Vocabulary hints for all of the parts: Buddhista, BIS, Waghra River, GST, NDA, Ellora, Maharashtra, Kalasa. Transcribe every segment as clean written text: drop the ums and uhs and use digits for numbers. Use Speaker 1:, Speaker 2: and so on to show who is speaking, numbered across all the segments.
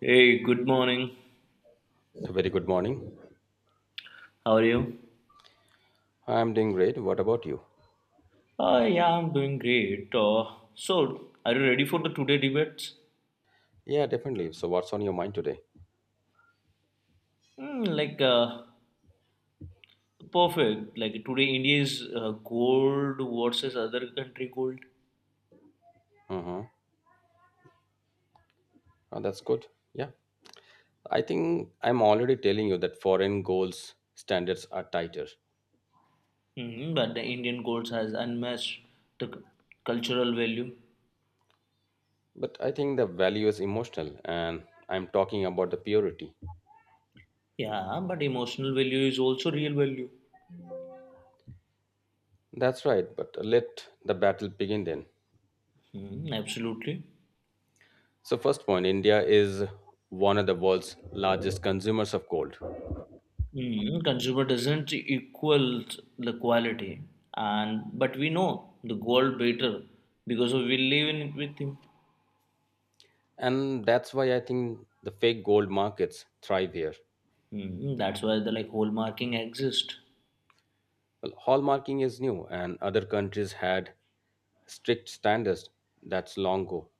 Speaker 1: Hey, good morning.
Speaker 2: A very good morning.
Speaker 1: How are you?
Speaker 2: I'm doing great. What about you?
Speaker 1: Yeah, I'm doing great. So, are you ready for the today debates?
Speaker 2: Yeah, definitely. So, what's on your mind today?
Speaker 1: Hmm, like, uh, Perfect. Like, today India is gold versus other country gold.
Speaker 2: Mm-hmm. Oh, that's good. Yeah. I think I'm already telling you that foreign goals standards are tighter.
Speaker 1: But the Indian gold has unmatched the cultural value.
Speaker 2: But I think the value is emotional, and I'm talking about the purity.
Speaker 1: Yeah, but emotional value is also real value.
Speaker 2: That's right. But let the battle begin then.
Speaker 1: Absolutely.
Speaker 2: So, first point India is one of the world's largest consumers of gold.
Speaker 1: Consumer doesn't equal the quality, and but we know the gold better because of we live in it with him.
Speaker 2: And that's why I think the fake gold markets thrive here.
Speaker 1: That's why the like hallmarking exists.
Speaker 2: Well, hallmarking is new, and other countries had strict standards. That's long ago.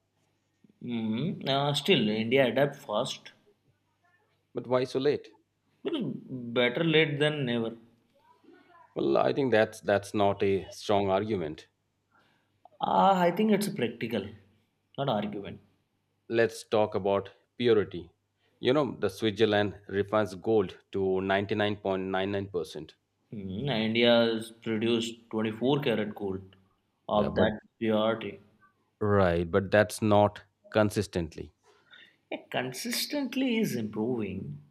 Speaker 1: Still, India adapt fast
Speaker 2: But why so late?
Speaker 1: because better late than never.
Speaker 2: Well, I think that's not a strong argument.
Speaker 1: I think it's practical, not argument.
Speaker 2: Let's talk about purity. You know, the Switzerland refines gold to 99.99%.
Speaker 1: India has produced 24 karat gold
Speaker 2: Yeah,
Speaker 1: of
Speaker 2: but
Speaker 1: that purity.
Speaker 2: right, but that's not consistently,
Speaker 1: It consistently is improving,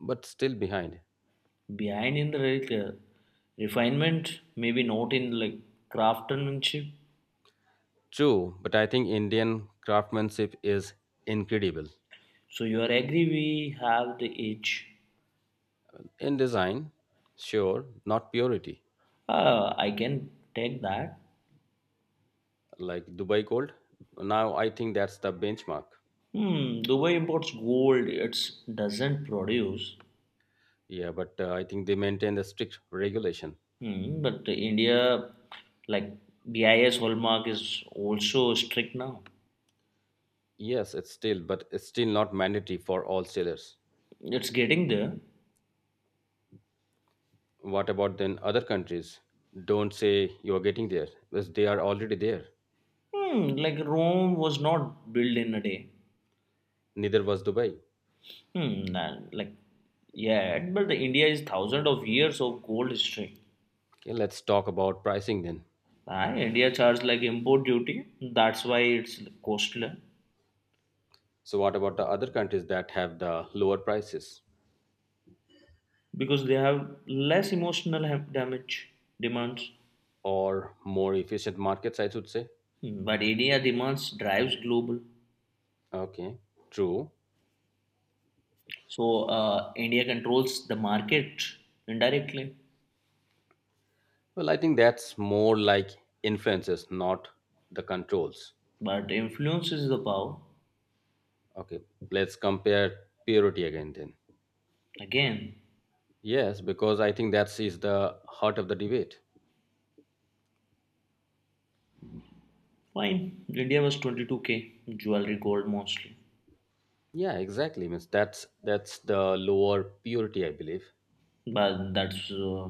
Speaker 2: but still behind.
Speaker 1: behind in the like refinement, maybe not in like craftsmanship.
Speaker 2: True, but I think Indian craftsmanship is incredible.
Speaker 1: So you are agree we have the edge.
Speaker 2: In design, sure, not purity.
Speaker 1: I can take that.
Speaker 2: Like Dubai Gold. Now I think that's the benchmark.
Speaker 1: Dubai imports gold, it doesn't produce.
Speaker 2: Yeah, but I think they maintain the strict regulation.
Speaker 1: But India, like, BIS hallmark is also strict now.
Speaker 2: Yes, it's still, but it's still not mandatory for all sellers.
Speaker 1: It's getting there.
Speaker 2: What about then other countries? Don't say you are getting there, because they are already there.
Speaker 1: Like, Rome was not built in a day.
Speaker 2: Neither was Dubai.
Speaker 1: And, like, yeah, but the India is thousands of years of gold history.
Speaker 2: Okay, let's talk about pricing then.
Speaker 1: India charge like import duty. That's why it's costly
Speaker 2: So, what about the other countries that have the lower prices
Speaker 1: because they have less emotional damage demands.
Speaker 2: or more efficient markets? I should say.
Speaker 1: But India demands drives global.
Speaker 2: Okay, true.
Speaker 1: So, India controls the market indirectly,
Speaker 2: Well, I think that's more like influences, not the controls.
Speaker 1: but influences the power.
Speaker 2: Okay, let's compare purity again then.
Speaker 1: Again,
Speaker 2: Yes, because I think that is the heart of the debate.
Speaker 1: fine. India was 22K jewelry gold mostly,
Speaker 2: Yeah, exactly. Means that's the lower purity, I believe.
Speaker 1: but that's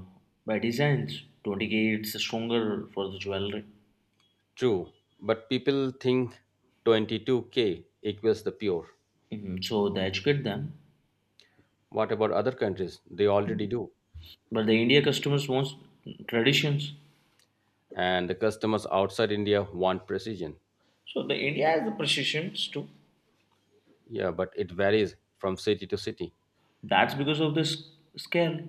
Speaker 1: by design. 20K it's stronger for the jewelry.
Speaker 2: True, but people think 22k equals the pure.
Speaker 1: Mhm. So they educate them.
Speaker 2: What about other countries? They already do.
Speaker 1: But the India customers wants traditions.
Speaker 2: And the customers outside India want precision.
Speaker 1: So the India has the precisions too.
Speaker 2: Yeah, but it varies from city to city.
Speaker 1: That's because of this scale.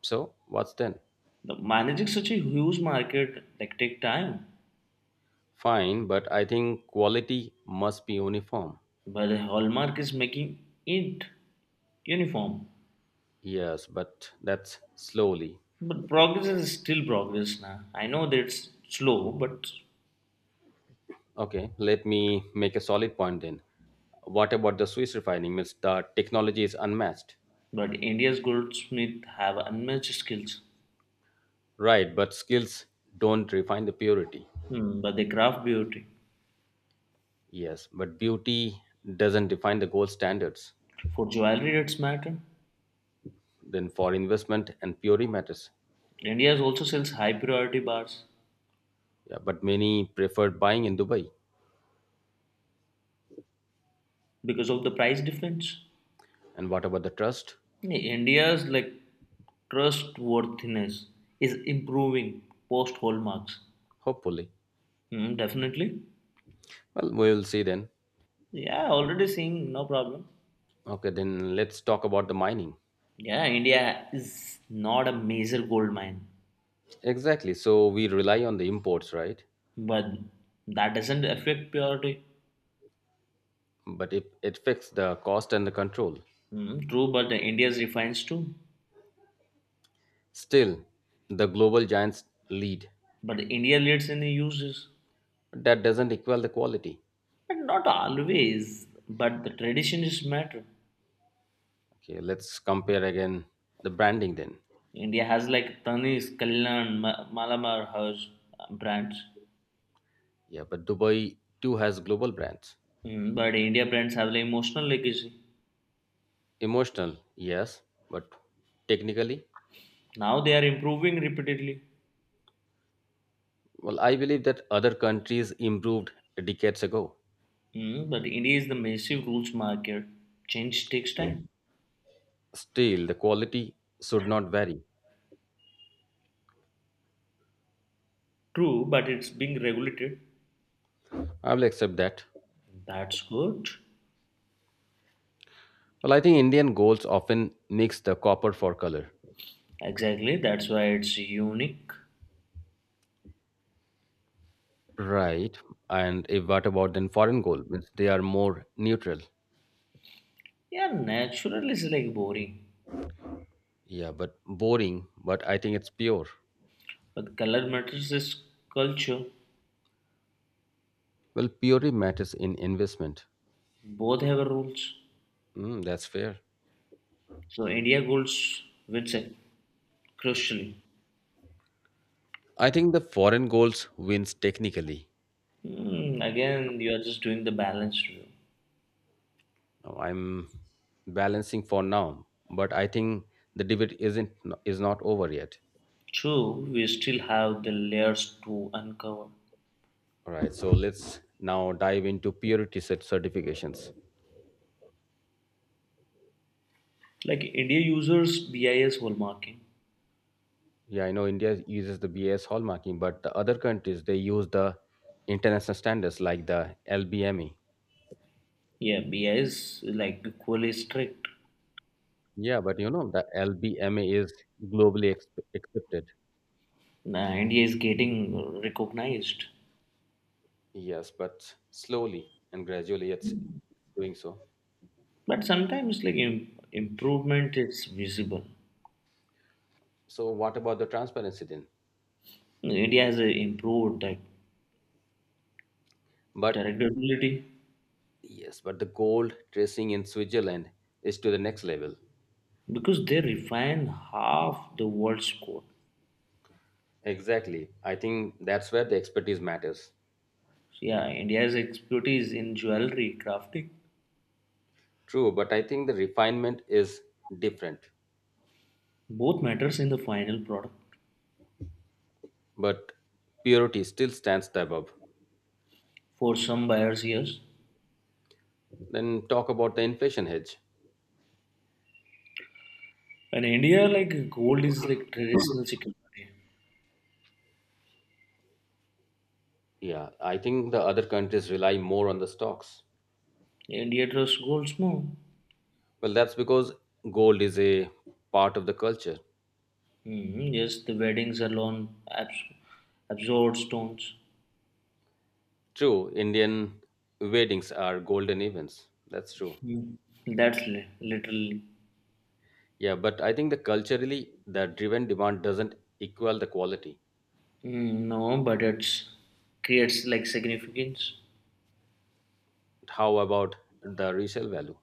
Speaker 2: So, what's then?
Speaker 1: The managing such a huge market like take time.
Speaker 2: Fine, but I think quality must be uniform.
Speaker 1: But the hallmark is making it uniform.
Speaker 2: Yes, but that's slowly.
Speaker 1: But progress is still progress now. I know that it's slow,
Speaker 2: Okay, let me make a solid point then. What about the Swiss refining? Means the technology is unmatched.
Speaker 1: but India's goldsmith have unmatched skills.
Speaker 2: Right, but skills don't refine the purity.
Speaker 1: But they craft beauty.
Speaker 2: Yes, but beauty doesn't define the gold standards.
Speaker 1: For jewelry, it's matter.
Speaker 2: Then for investment and purity matters.
Speaker 1: India also sells high priority bars
Speaker 2: Yeah, but many preferred buying in Dubai.
Speaker 1: because of the price difference.
Speaker 2: And what about the trust?
Speaker 1: India's like trustworthiness is improving post hallmarks.
Speaker 2: Hopefully.
Speaker 1: Mm, definitely.
Speaker 2: Well, we will see then.
Speaker 1: Yeah, already seeing no problem.
Speaker 2: Okay, then let's talk about the mining.
Speaker 1: Yeah, India is not a major gold mine,
Speaker 2: Exactly. So we rely on the imports, right?
Speaker 1: but that doesn't affect purity.
Speaker 2: But it affects the cost and the control.
Speaker 1: Mm, true, but the India's refines too.
Speaker 2: Still, the global giants lead.
Speaker 1: But India leads in the uses.
Speaker 2: That doesn't equal the quality.
Speaker 1: But not always. But the tradition is matter.
Speaker 2: Okay, let's compare again the branding then.
Speaker 1: India has like Tanis, Kalyan, Malamar, Hers brands.
Speaker 2: Yeah, but Dubai too has global brands.
Speaker 1: Mm, but India brands have like emotional legacy.
Speaker 2: Emotional, yes, but technically,
Speaker 1: Now they are improving repeatedly.
Speaker 2: well, I believe that other countries improved decades ago.
Speaker 1: Mm, but India is the massive rules market. Change takes time.
Speaker 2: Still, the quality should not vary.
Speaker 1: True, but it's being regulated.
Speaker 2: I will accept that.
Speaker 1: That's good.
Speaker 2: Well, I think Indian golds often mix the copper for color.
Speaker 1: Exactly, that's why it's unique.
Speaker 2: Right. And if what about then foreign gold? Means they are more neutral.
Speaker 1: Yeah, natural is like boring.
Speaker 2: Yeah, but boring, but I think it's pure.
Speaker 1: But color matters is culture.
Speaker 2: Well, purity matters in investment.
Speaker 1: Both have rules.
Speaker 2: Mm, that's fair.
Speaker 1: So India goals wins it, crucially.
Speaker 2: I think the foreign goals wins technically.
Speaker 1: Mm, again, you are just doing the balanced view.
Speaker 2: Now, I'm balancing for now, but I think the debate isn't is not over yet.
Speaker 1: True, we still have the layers to uncover.
Speaker 2: All right, so let's now dive into purity certifications.
Speaker 1: Like India users BIS hallmarking.
Speaker 2: Yeah, I know India uses the BS hallmarking, but the other countries they use the international standards like the LBME.
Speaker 1: Yeah, BIS is like equally strict.
Speaker 2: Yeah, but you know the LBME is globally accepted.
Speaker 1: Now India is getting recognized,
Speaker 2: Yes, but slowly and gradually it's doing so.
Speaker 1: but sometimes like improvement is visible.
Speaker 2: So what about the transparency then?
Speaker 1: India has improved that
Speaker 2: But
Speaker 1: directability
Speaker 2: yes, but the gold tracing in Switzerland is to the next level.
Speaker 1: because they refine half the world's code.
Speaker 2: Exactly. I think that's where the expertise matters.
Speaker 1: So, yeah, India's expertise in jewelry crafting,
Speaker 2: True, but I think the refinement is different.
Speaker 1: both matters in the final product.
Speaker 2: But purity still stands above.
Speaker 1: For some buyers, yes.
Speaker 2: Then talk about the inflation hedge.
Speaker 1: In India, like gold is like traditional security.
Speaker 2: Yeah, I think the other countries rely more on the stocks.
Speaker 1: India trusts gold more.
Speaker 2: Well, that's because gold is a part of the culture.
Speaker 1: Yes, the weddings are on absorbed stones.
Speaker 2: True, Indian weddings are golden events. That's true.
Speaker 1: Mm. That's literally
Speaker 2: Yeah, but I think the culturally the driven demand doesn't equal the quality.
Speaker 1: Mm, no, but it's creates like significance.
Speaker 2: How about the resale value?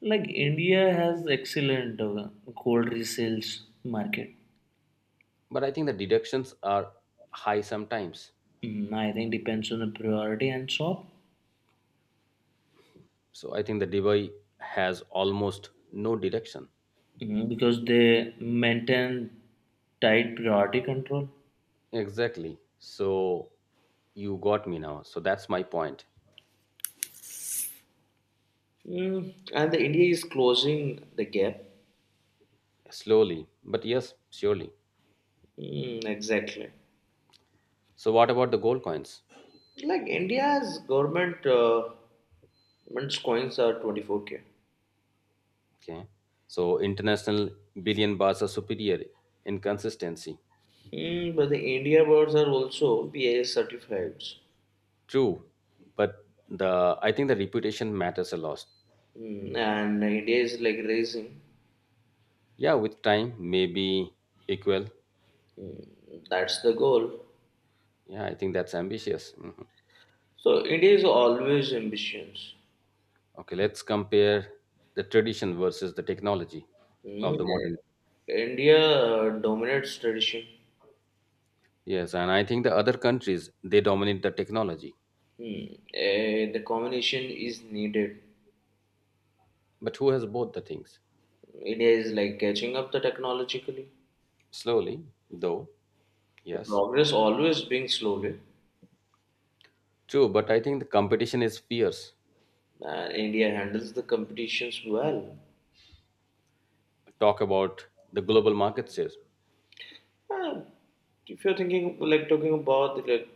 Speaker 1: Like India has excellent gold resales market.
Speaker 2: But I think the deductions are high sometimes.
Speaker 1: Mm, I think depends on the priority and shop.
Speaker 2: So I think the Dubai has almost no deduction.
Speaker 1: Because they maintain tight priority control.
Speaker 2: Exactly. So you got me now. So that's my point.
Speaker 1: Mm, and the India is closing the gap.
Speaker 2: Slowly, but yes, surely.
Speaker 1: Mm, exactly.
Speaker 2: So what about the gold coins?
Speaker 1: Like India's government coins are 24K.
Speaker 2: Okay. So international billion bars are superior in consistency.
Speaker 1: Mm, but the India birds are also BIS certified.
Speaker 2: True, but the I think the reputation matters a lot.
Speaker 1: Mm, and India is like raising.
Speaker 2: Yeah, with time maybe equal.
Speaker 1: That's the goal.
Speaker 2: Yeah, I think that's ambitious. Mhm.
Speaker 1: So India is always ambitious.
Speaker 2: Okay, let's compare the tradition versus the technology of the modern.
Speaker 1: India dominates tradition.
Speaker 2: Yes, and I think the other countries they dominate the technology,
Speaker 1: The combination is needed.
Speaker 2: but who has both the things?
Speaker 1: India is like catching up the technologically.
Speaker 2: Slowly, though.
Speaker 1: The
Speaker 2: Yes,
Speaker 1: progress always being slowly,
Speaker 2: true, but I think the competition is fierce.
Speaker 1: and India handles the competitions well.
Speaker 2: Talk about the global market shares.
Speaker 1: And if you're thinking like talking about the like,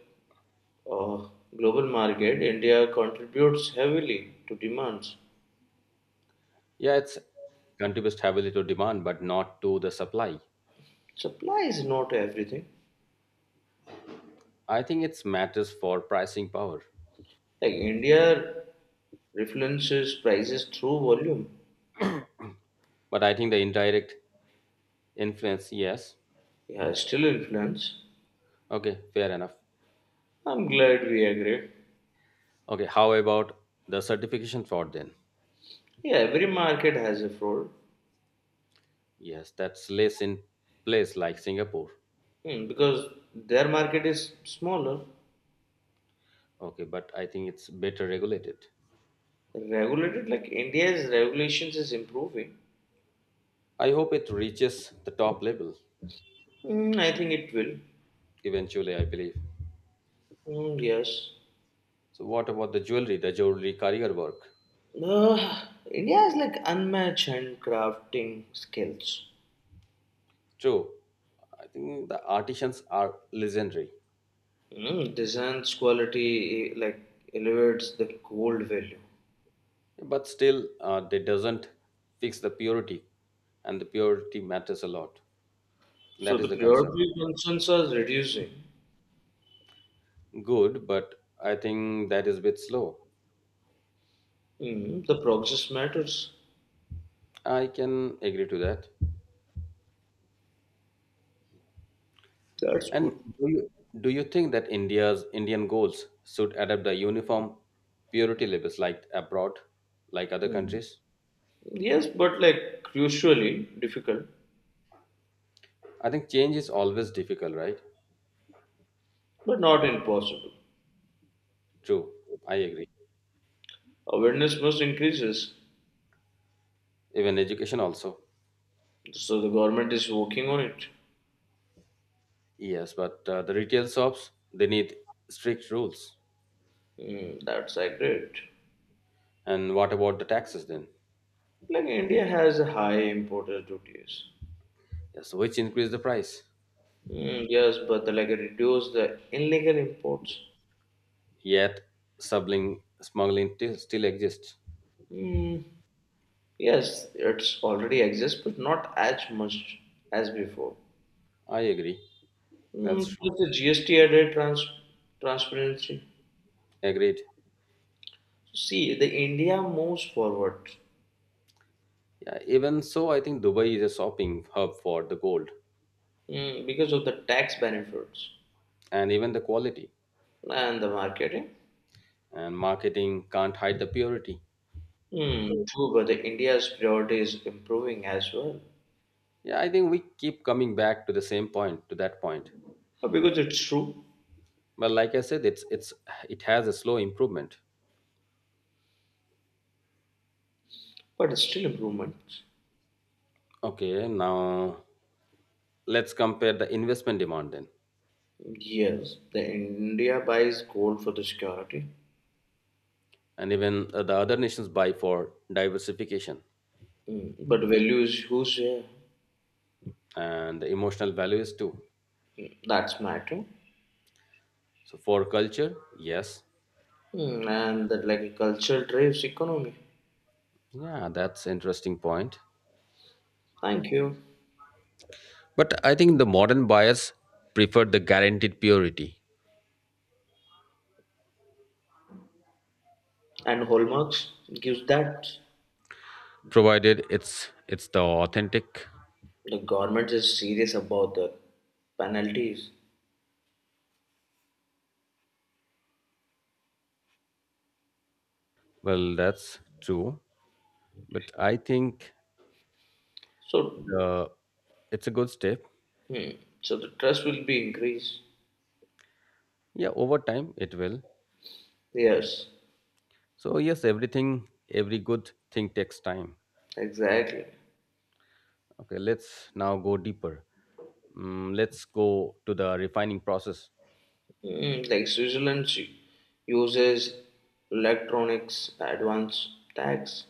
Speaker 1: uh, global market, India contributes heavily to demands.
Speaker 2: Yeah, it's contributes heavily to demand, but not to the supply.
Speaker 1: Supply is not everything.
Speaker 2: I think it's matters for pricing power.
Speaker 1: Like India influences prices through volume.
Speaker 2: But I think the indirect influence, yes.
Speaker 1: Yeah, still influence.
Speaker 2: Okay, fair enough.
Speaker 1: I'm glad we agree.
Speaker 2: Okay, how about the certification fraud then?
Speaker 1: Yeah, every market has a fraud.
Speaker 2: Yes, that's less in place like Singapore.
Speaker 1: Because their market is smaller.
Speaker 2: Okay, but I think it's better regulated.
Speaker 1: Regulated like India's regulations is improving.
Speaker 2: I hope it reaches the top level
Speaker 1: Mm, I think it will.
Speaker 2: eventually, I believe.
Speaker 1: Mm, yes.
Speaker 2: So what about the jewelry career work?
Speaker 1: India has like unmatched handcrafting skills.
Speaker 2: True. I think the artisans are legendary.
Speaker 1: Mm, designs quality like elevates the gold value.
Speaker 2: But still they doesn't fix the purity, and the purity matters a lot.
Speaker 1: So
Speaker 2: That
Speaker 1: the
Speaker 2: is the concern.
Speaker 1: priority concerns are reducing.
Speaker 2: Good, but I think that is a bit slow.
Speaker 1: Mm, the progress matters.
Speaker 2: I can agree to that.
Speaker 1: That's
Speaker 2: And
Speaker 1: good.
Speaker 2: do you think that india's indian goals should adopt the uniform purity labels like abroad, like other
Speaker 1: Mm.
Speaker 2: countries?
Speaker 1: Yes, but like crucially difficult,
Speaker 2: I think change is always difficult, right?
Speaker 1: but not impossible.
Speaker 2: True, I agree.
Speaker 1: Awareness must increases.
Speaker 2: Even education also.
Speaker 1: So the government is working on it.
Speaker 2: Yes, but the retail shops they need strict rules.
Speaker 1: Mm, that's agreed.
Speaker 2: And what about the taxes then?
Speaker 1: Like India has a high importer duties.
Speaker 2: Yes, which increase the price.
Speaker 1: Mm, yes, but like reduce the illegal imports.
Speaker 2: Yet still exists.
Speaker 1: Mm, yes, it's already exists, but not as much as before.
Speaker 2: I agree. That's
Speaker 1: Mm,
Speaker 2: true.
Speaker 1: with the GST added transparency.
Speaker 2: Agreed.
Speaker 1: See, the India moves forward.
Speaker 2: Yeah, even so, I think Dubai is a shopping hub for the gold
Speaker 1: Because of the tax benefits
Speaker 2: and even the quality.
Speaker 1: and the marketing.
Speaker 2: And marketing can't hide the purity.
Speaker 1: Mm, true, but the India's priority is improving as well.
Speaker 2: Yeah, I think we keep coming back to the same point, to that point.
Speaker 1: Because it's true.
Speaker 2: But like I said, it's it has a slow improvement.
Speaker 1: But it's still improvements.
Speaker 2: Okay, now let's compare the investment demand then.
Speaker 1: Yes, the India buys gold for the security.
Speaker 2: And even the other nations buy for diversification
Speaker 1: Mm, but value is whose share?
Speaker 2: and the emotional values too.
Speaker 1: That's matter.
Speaker 2: So for culture, yes.
Speaker 1: Mm, and that like a culture drives economy.
Speaker 2: Yeah, that's interesting point.
Speaker 1: Thank you.
Speaker 2: But I think the modern buyers prefer the guaranteed purity,
Speaker 1: And hallmarks gives that
Speaker 2: provided it's the authentic.
Speaker 1: the government is serious about the penalties.
Speaker 2: Well, that's true, but I think
Speaker 1: So,
Speaker 2: the it's a good step.
Speaker 1: hmm, so, the trust will be increased.
Speaker 2: Yeah, over time it will.
Speaker 1: Yes,
Speaker 2: So yes, everything, every good thing takes time.
Speaker 1: exactly.
Speaker 2: Okay, let's now go deeper. Mm, let's go to the refining process.
Speaker 1: Mm, like Switzerland uses electronics advance tax.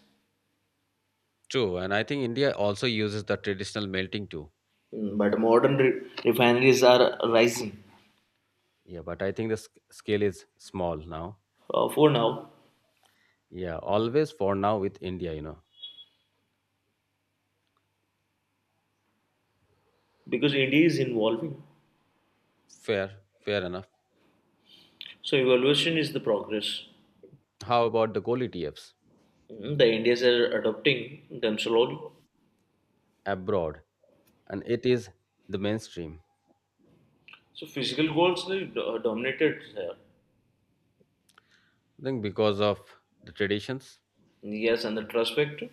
Speaker 2: True, and I think India also uses the traditional melting too.
Speaker 1: Mm, but modern refineries are rising.
Speaker 2: Yeah, but I think the scale is small now.
Speaker 1: For now,
Speaker 2: Yeah, always for now with India.
Speaker 1: because India is evolving.
Speaker 2: Fair, fair enough.
Speaker 1: So evaluation is the progress.
Speaker 2: How about the gold ETFs
Speaker 1: Mm, the Indians are adopting them slowly.
Speaker 2: abroad? And it is the mainstream.
Speaker 1: So physical goals they dominated here.
Speaker 2: I think because of the traditions.
Speaker 1: Yes, and the trust factor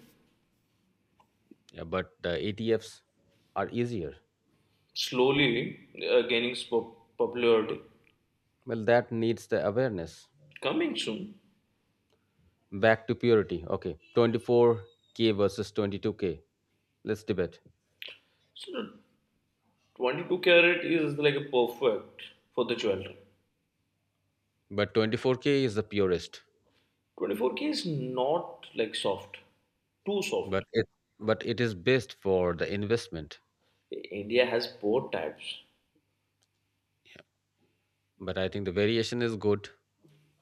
Speaker 2: Yeah, but the ETFs are easier.
Speaker 1: slowly gaining popularity.
Speaker 2: Well, that needs the awareness.
Speaker 1: Coming soon.
Speaker 2: Back to purity. Okay. 24K versus 22K. Let's debate.
Speaker 1: So 22 karat is like a perfect for the jewelry.
Speaker 2: But 24K is the purest.
Speaker 1: 24K is not like soft, too soft.
Speaker 2: But it is best for the investment.
Speaker 1: India has both types.
Speaker 2: But I think the variation is good.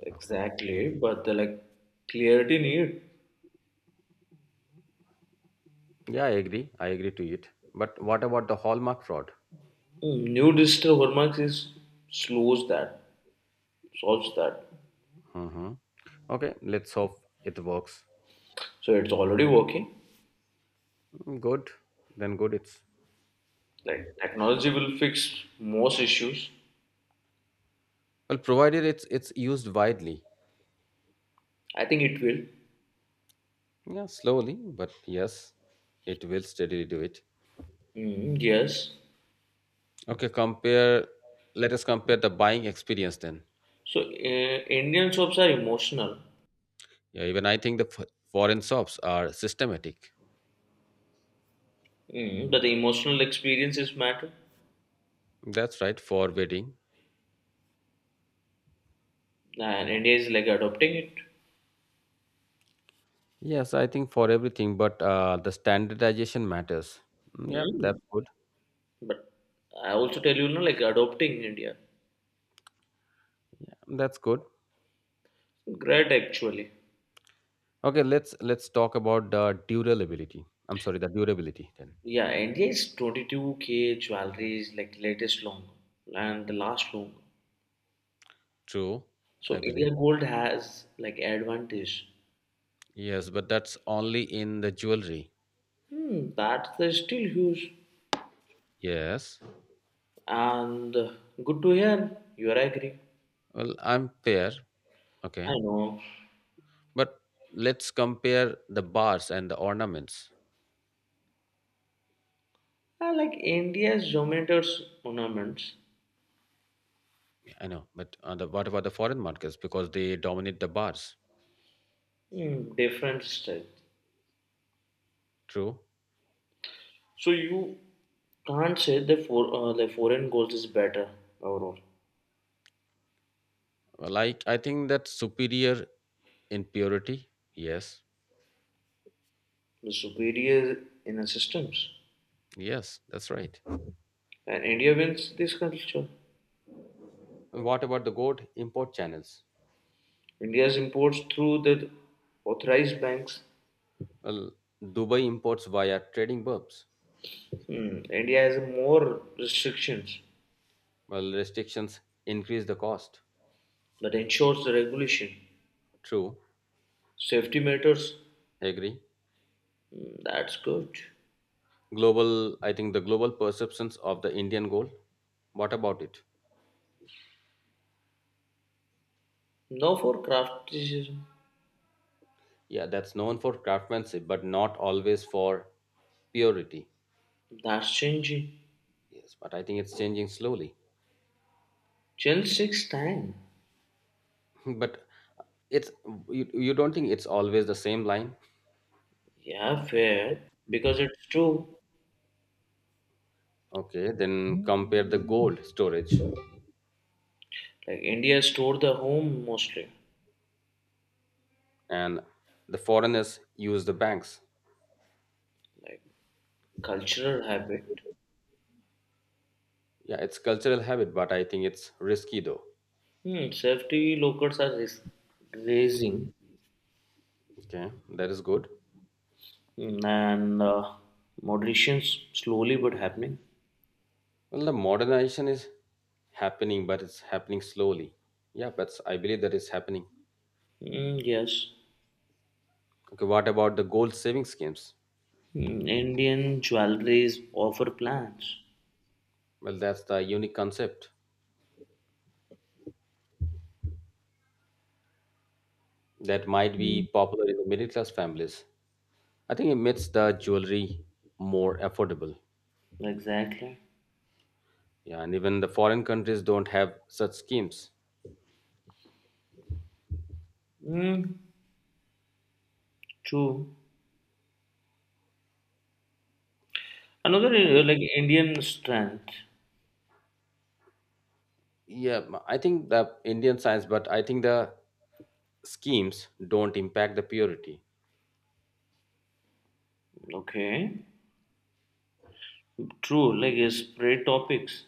Speaker 1: Exactly, but the like clarity need
Speaker 2: Yeah, I agree. I agree to it. But what about the hallmark fraud?
Speaker 1: Mm, new digital hallmarks is slows that, solves that.
Speaker 2: Mm-hmm. Okay, let's hope it works.
Speaker 1: So it's already working.
Speaker 2: Mm, good. Then good it's.
Speaker 1: Like technology will fix most issues.
Speaker 2: Well, provided it's used widely.
Speaker 1: I think it will.
Speaker 2: Yeah, slowly, but yes, it will steadily do it.
Speaker 1: Mm, yes.
Speaker 2: Okay, compare let us compare the buying experience then.
Speaker 1: So, Indian shops are emotional.
Speaker 2: Yeah, even I think the foreign shops are systematic.
Speaker 1: But the emotional experiences matter,
Speaker 2: That's right for wedding.
Speaker 1: and India is like adopting it.
Speaker 2: Yes, I think for everything, but the standardization matters. Mm, yep,
Speaker 1: Mm.
Speaker 2: that's good.
Speaker 1: But I also tell you, no, like adopting India.
Speaker 2: Yeah, that's good.
Speaker 1: Great actually.
Speaker 2: Okay, let's talk about the durability. I'm sorry, the durability then.
Speaker 1: Yeah, NDA is 22K jewelry is like latest long and the last long.
Speaker 2: True,
Speaker 1: So
Speaker 2: I believe.
Speaker 1: India Gold has like advantage.
Speaker 2: Yes, but that's only in the jewelry.
Speaker 1: That's the still huge,
Speaker 2: Yes.
Speaker 1: and good to hear. You are agree.
Speaker 2: Well, I'm fair.
Speaker 1: I
Speaker 2: Okay,
Speaker 1: know.
Speaker 2: but let's compare the bars and the ornaments.
Speaker 1: I like India's geometers ornaments.
Speaker 2: Yeah, I know, but what about the foreign markets? Because they dominate the bars.
Speaker 1: Different style.
Speaker 2: True.
Speaker 1: So you can't say the for the foreign gold is better overall.
Speaker 2: Like, I think that's superior in purity. Yes.
Speaker 1: The superior in the systems,
Speaker 2: Yes, that's right.
Speaker 1: and India wins this culture.
Speaker 2: And what about the gold import channels?
Speaker 1: India's imports through the authorized banks.
Speaker 2: Well, Dubai imports via trading burbs.
Speaker 1: India has more restrictions
Speaker 2: Well, restrictions increase the cost.
Speaker 1: but ensures the regulation.
Speaker 2: True.
Speaker 1: Safety matters.
Speaker 2: Agree.
Speaker 1: That's good.
Speaker 2: Global, I think the global perceptions of the Indian gold. What about it?
Speaker 1: Now for crafticism.
Speaker 2: Yeah, that's known for craftsmanship, but not always for purity.
Speaker 1: That's changing.
Speaker 2: Yes, but I think it's changing slowly.
Speaker 1: Change takes time.
Speaker 2: But it's you don't think it's always the same line?
Speaker 1: Yeah, fair. Because it's true.
Speaker 2: Okay, then compare the gold storage
Speaker 1: Like India store the home mostly.
Speaker 2: and the foreigners use the banks.
Speaker 1: Like cultural habit.
Speaker 2: Yeah, it's cultural habit, but I think it's risky though.
Speaker 1: Safety locals are raising.
Speaker 2: Okay, that is good.
Speaker 1: And moderations slowly but happening.
Speaker 2: Well, the modernization is happening, but it's happening slowly. Yeah, but I believe that is happening.
Speaker 1: Mm, yes.
Speaker 2: Okay, what about the gold saving schemes?
Speaker 1: Mm, Indian jewelries offer plans.
Speaker 2: Well, that's the unique concept that might be popular in the middle class families. I think it makes the jewelry more affordable.
Speaker 1: Exactly.
Speaker 2: Yeah, and even the foreign countries don't have such schemes.
Speaker 1: Mm, true. Another like Indian strength.
Speaker 2: Yeah, I think the Indian science, but I think the schemes don't impact the purity.
Speaker 1: Okay. True. Like spray topics.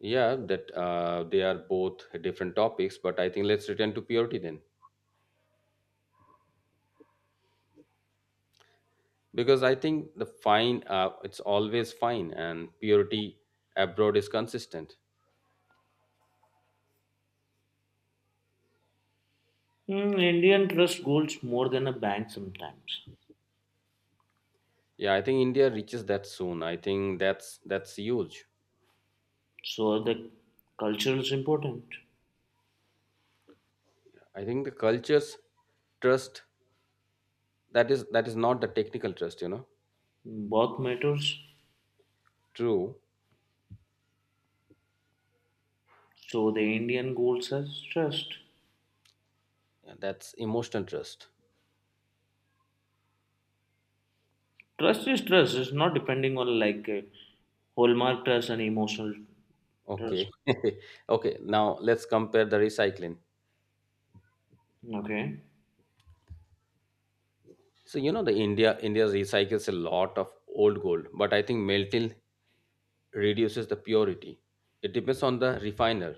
Speaker 2: Yeah, that they are both different topics, but I think let's return to purity then, because I think the fine, it's always fine, and purity abroad is consistent.
Speaker 1: Mm, Indian trust golds more than a bank sometimes.
Speaker 2: Yeah, I think India reaches that soon. I think that's huge.
Speaker 1: So the culture is important.
Speaker 2: I think the cultures trust that is not the technical trust, you know.
Speaker 1: Both matters.
Speaker 2: True,
Speaker 1: So the Indian gold says trust.
Speaker 2: yeah, that's emotional trust.
Speaker 1: Trust is trust. It's not depending on like hallmark trust and emotional trust.
Speaker 2: Okay. Okay. Now let's compare the recycling.
Speaker 1: Okay.
Speaker 2: So you know the India recycles a lot of old gold, but I think melting reduces the purity. It depends on the refiner,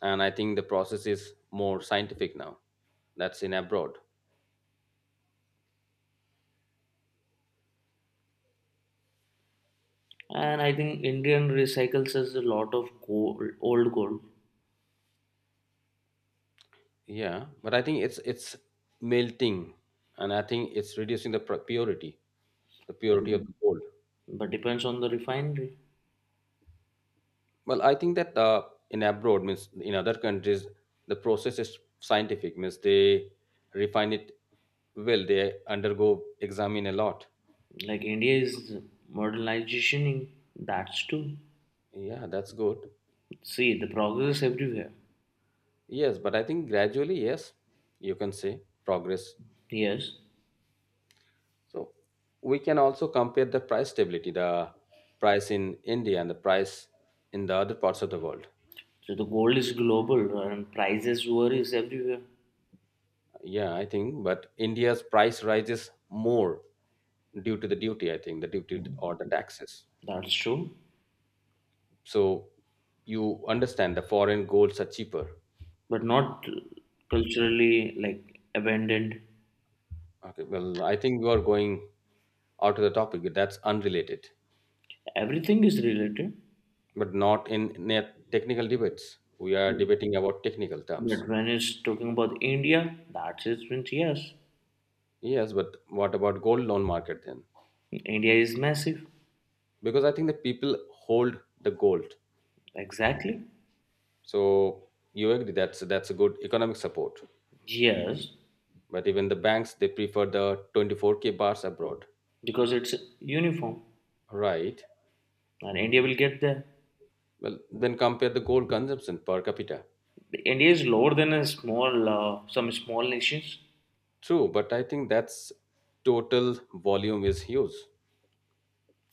Speaker 2: and I think the process is more scientific now. That's in abroad.
Speaker 1: And I think Indian recycles us a lot of gold, old gold,
Speaker 2: Yeah, but I think it's melting, and I think it's reducing the purity, the
Speaker 1: like,
Speaker 2: purity of the gold.
Speaker 1: but depends on the refinery.
Speaker 2: Well, I think that in abroad means in other countries the process is scientific, means they refine it. Well, they undergo examine a lot.
Speaker 1: Like India is modernization, that's too.
Speaker 2: Yeah, that's good.
Speaker 1: See, the progress everywhere.
Speaker 2: Yes, but I think gradually, yes, you can say progress.
Speaker 1: Yes,
Speaker 2: So we can also compare the price stability, the price in India and the price in the other parts of the world.
Speaker 1: so the gold is global and prices varies everywhere.
Speaker 2: Yeah, I think, but India's price rises more due to the duty, I think, the duty or the taxes.
Speaker 1: That's true,
Speaker 2: So you understand the foreign golds are cheaper.
Speaker 1: but not culturally like abandoned.
Speaker 2: Okay, well, I think you are going out of the topic. That's unrelated.
Speaker 1: Everything is related,
Speaker 2: But not in net technical debates. We are debating about technical terms.
Speaker 1: but when it's talking about India, that's it. Means yes,
Speaker 2: Yes, but what about gold loan market then?
Speaker 1: India is massive.
Speaker 2: Because I think the people hold the gold.
Speaker 1: Exactly.
Speaker 2: So you agree that's a good economic support.
Speaker 1: Yes,
Speaker 2: But even the banks they prefer the 24k bars abroad.
Speaker 1: because it's uniform,
Speaker 2: Right.
Speaker 1: and India will get there.
Speaker 2: Well, then compare the gold consumption per capita.
Speaker 1: India is lower than a small, some small nations.
Speaker 2: True, but I think that's total volume is huge.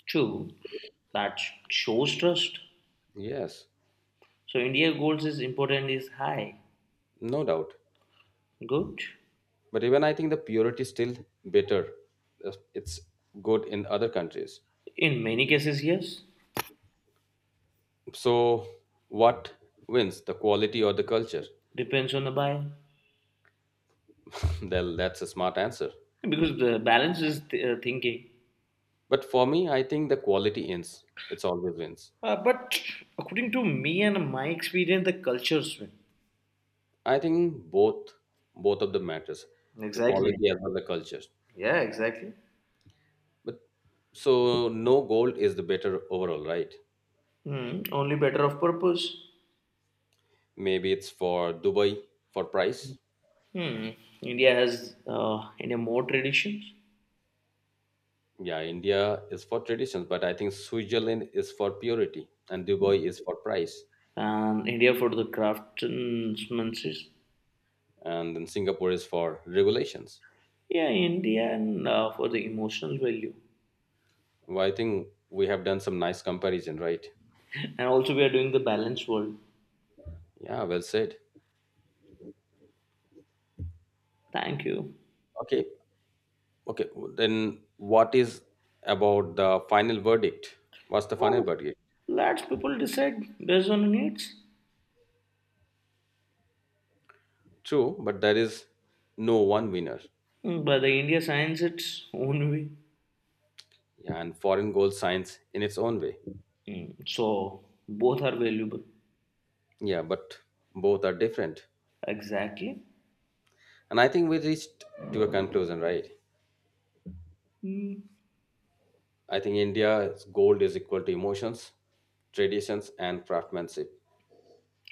Speaker 1: True, that shows trust.
Speaker 2: Yes,
Speaker 1: So India goals is important is high.
Speaker 2: no doubt.
Speaker 1: Good.
Speaker 2: But even I think the purity is still better. It's good in other countries.
Speaker 1: In many cases, yes.
Speaker 2: So, what wins, the quality or the culture?
Speaker 1: Depends on the buyer
Speaker 2: Well, that's a smart answer.
Speaker 1: because the balance is thinking.
Speaker 2: But for me, I think the quality wins. It's always wins.
Speaker 1: But according to me and my experience, the cultures win.
Speaker 2: I think both of them matters, the
Speaker 1: Exactly.
Speaker 2: quality as well as the culture.
Speaker 1: Yeah, exactly.
Speaker 2: But so no gold is the better overall, right?
Speaker 1: Hmm. Only better of purpose.
Speaker 2: Maybe it's for Dubai for price.
Speaker 1: Hmm. India more traditions,
Speaker 2: Yeah, India is for traditions, but I think Switzerland is for purity, and Dubai is for price,
Speaker 1: and India for the craftsmanship.
Speaker 2: and then Singapore is for regulations.
Speaker 1: Yeah, India and for the emotional value,
Speaker 2: Well, I think we have done some nice comparison, right?
Speaker 1: and also we are doing the balanced world.
Speaker 2: Yeah, well said.
Speaker 1: Thank you.
Speaker 2: Okay, Then what is about the final verdict? What's the final
Speaker 1: Oh,
Speaker 2: verdict?
Speaker 1: let's people decide based on needs.
Speaker 2: True, but there is no one winner.
Speaker 1: But the India signs its own way.
Speaker 2: Yeah, and foreign gold shines in its own way.
Speaker 1: So both are valuable.
Speaker 2: Yeah, but both are different.
Speaker 1: Exactly.
Speaker 2: And I think we reached to a conclusion, right?
Speaker 1: Mm.
Speaker 2: I think India's gold is equal to emotions, traditions, and craftsmanship.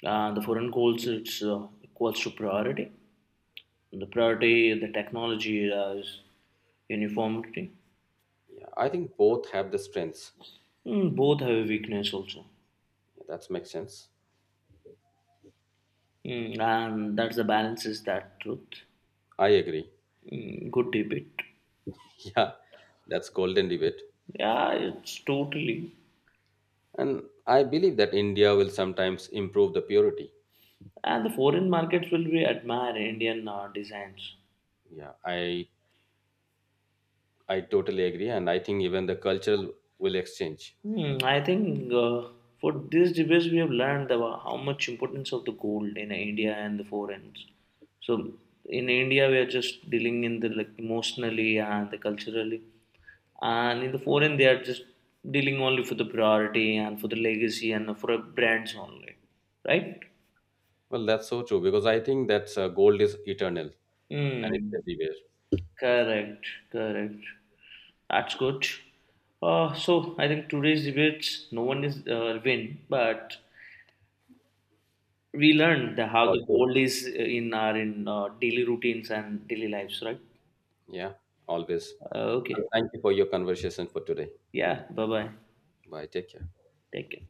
Speaker 1: The foreign goals it's equals to priority. The priority, the technology is uniformity.
Speaker 2: Yeah, I think both have the strengths.
Speaker 1: Mm, both have a weakness also.
Speaker 2: Yeah, that makes sense.
Speaker 1: Mm, and that's the balance is that truth.
Speaker 2: I agree.
Speaker 1: Mm, good debate.
Speaker 2: Yeah, that's golden debate.
Speaker 1: Yeah, it's totally.
Speaker 2: And I believe that India will sometimes improve the purity.
Speaker 1: And the foreign markets will be admire Indian designs.
Speaker 2: Yeah, I totally agree, and I think even the cultural will exchange.
Speaker 1: I think for this debate we have learned about how much importance of the gold in India and the foreigners. So in India we are just dealing in the like emotionally and the culturally, and in the foreign they are just dealing only for the priority and for the legacy and for a brands only, right?
Speaker 2: Well, that's so true because I think that gold is eternal and it's
Speaker 1: Hmm.
Speaker 2: everywhere.
Speaker 1: Correct. Correct. That's good. So, I think today's debates, no one is win, but we learned the, how
Speaker 2: For
Speaker 1: the
Speaker 2: sure.
Speaker 1: gold is in our in daily routines and daily lives, right?
Speaker 2: Yeah, always.
Speaker 1: Okay.
Speaker 2: Well, thank you for your conversation for today.
Speaker 1: Yeah. Bye bye.
Speaker 2: Bye. Take care.
Speaker 1: Take care.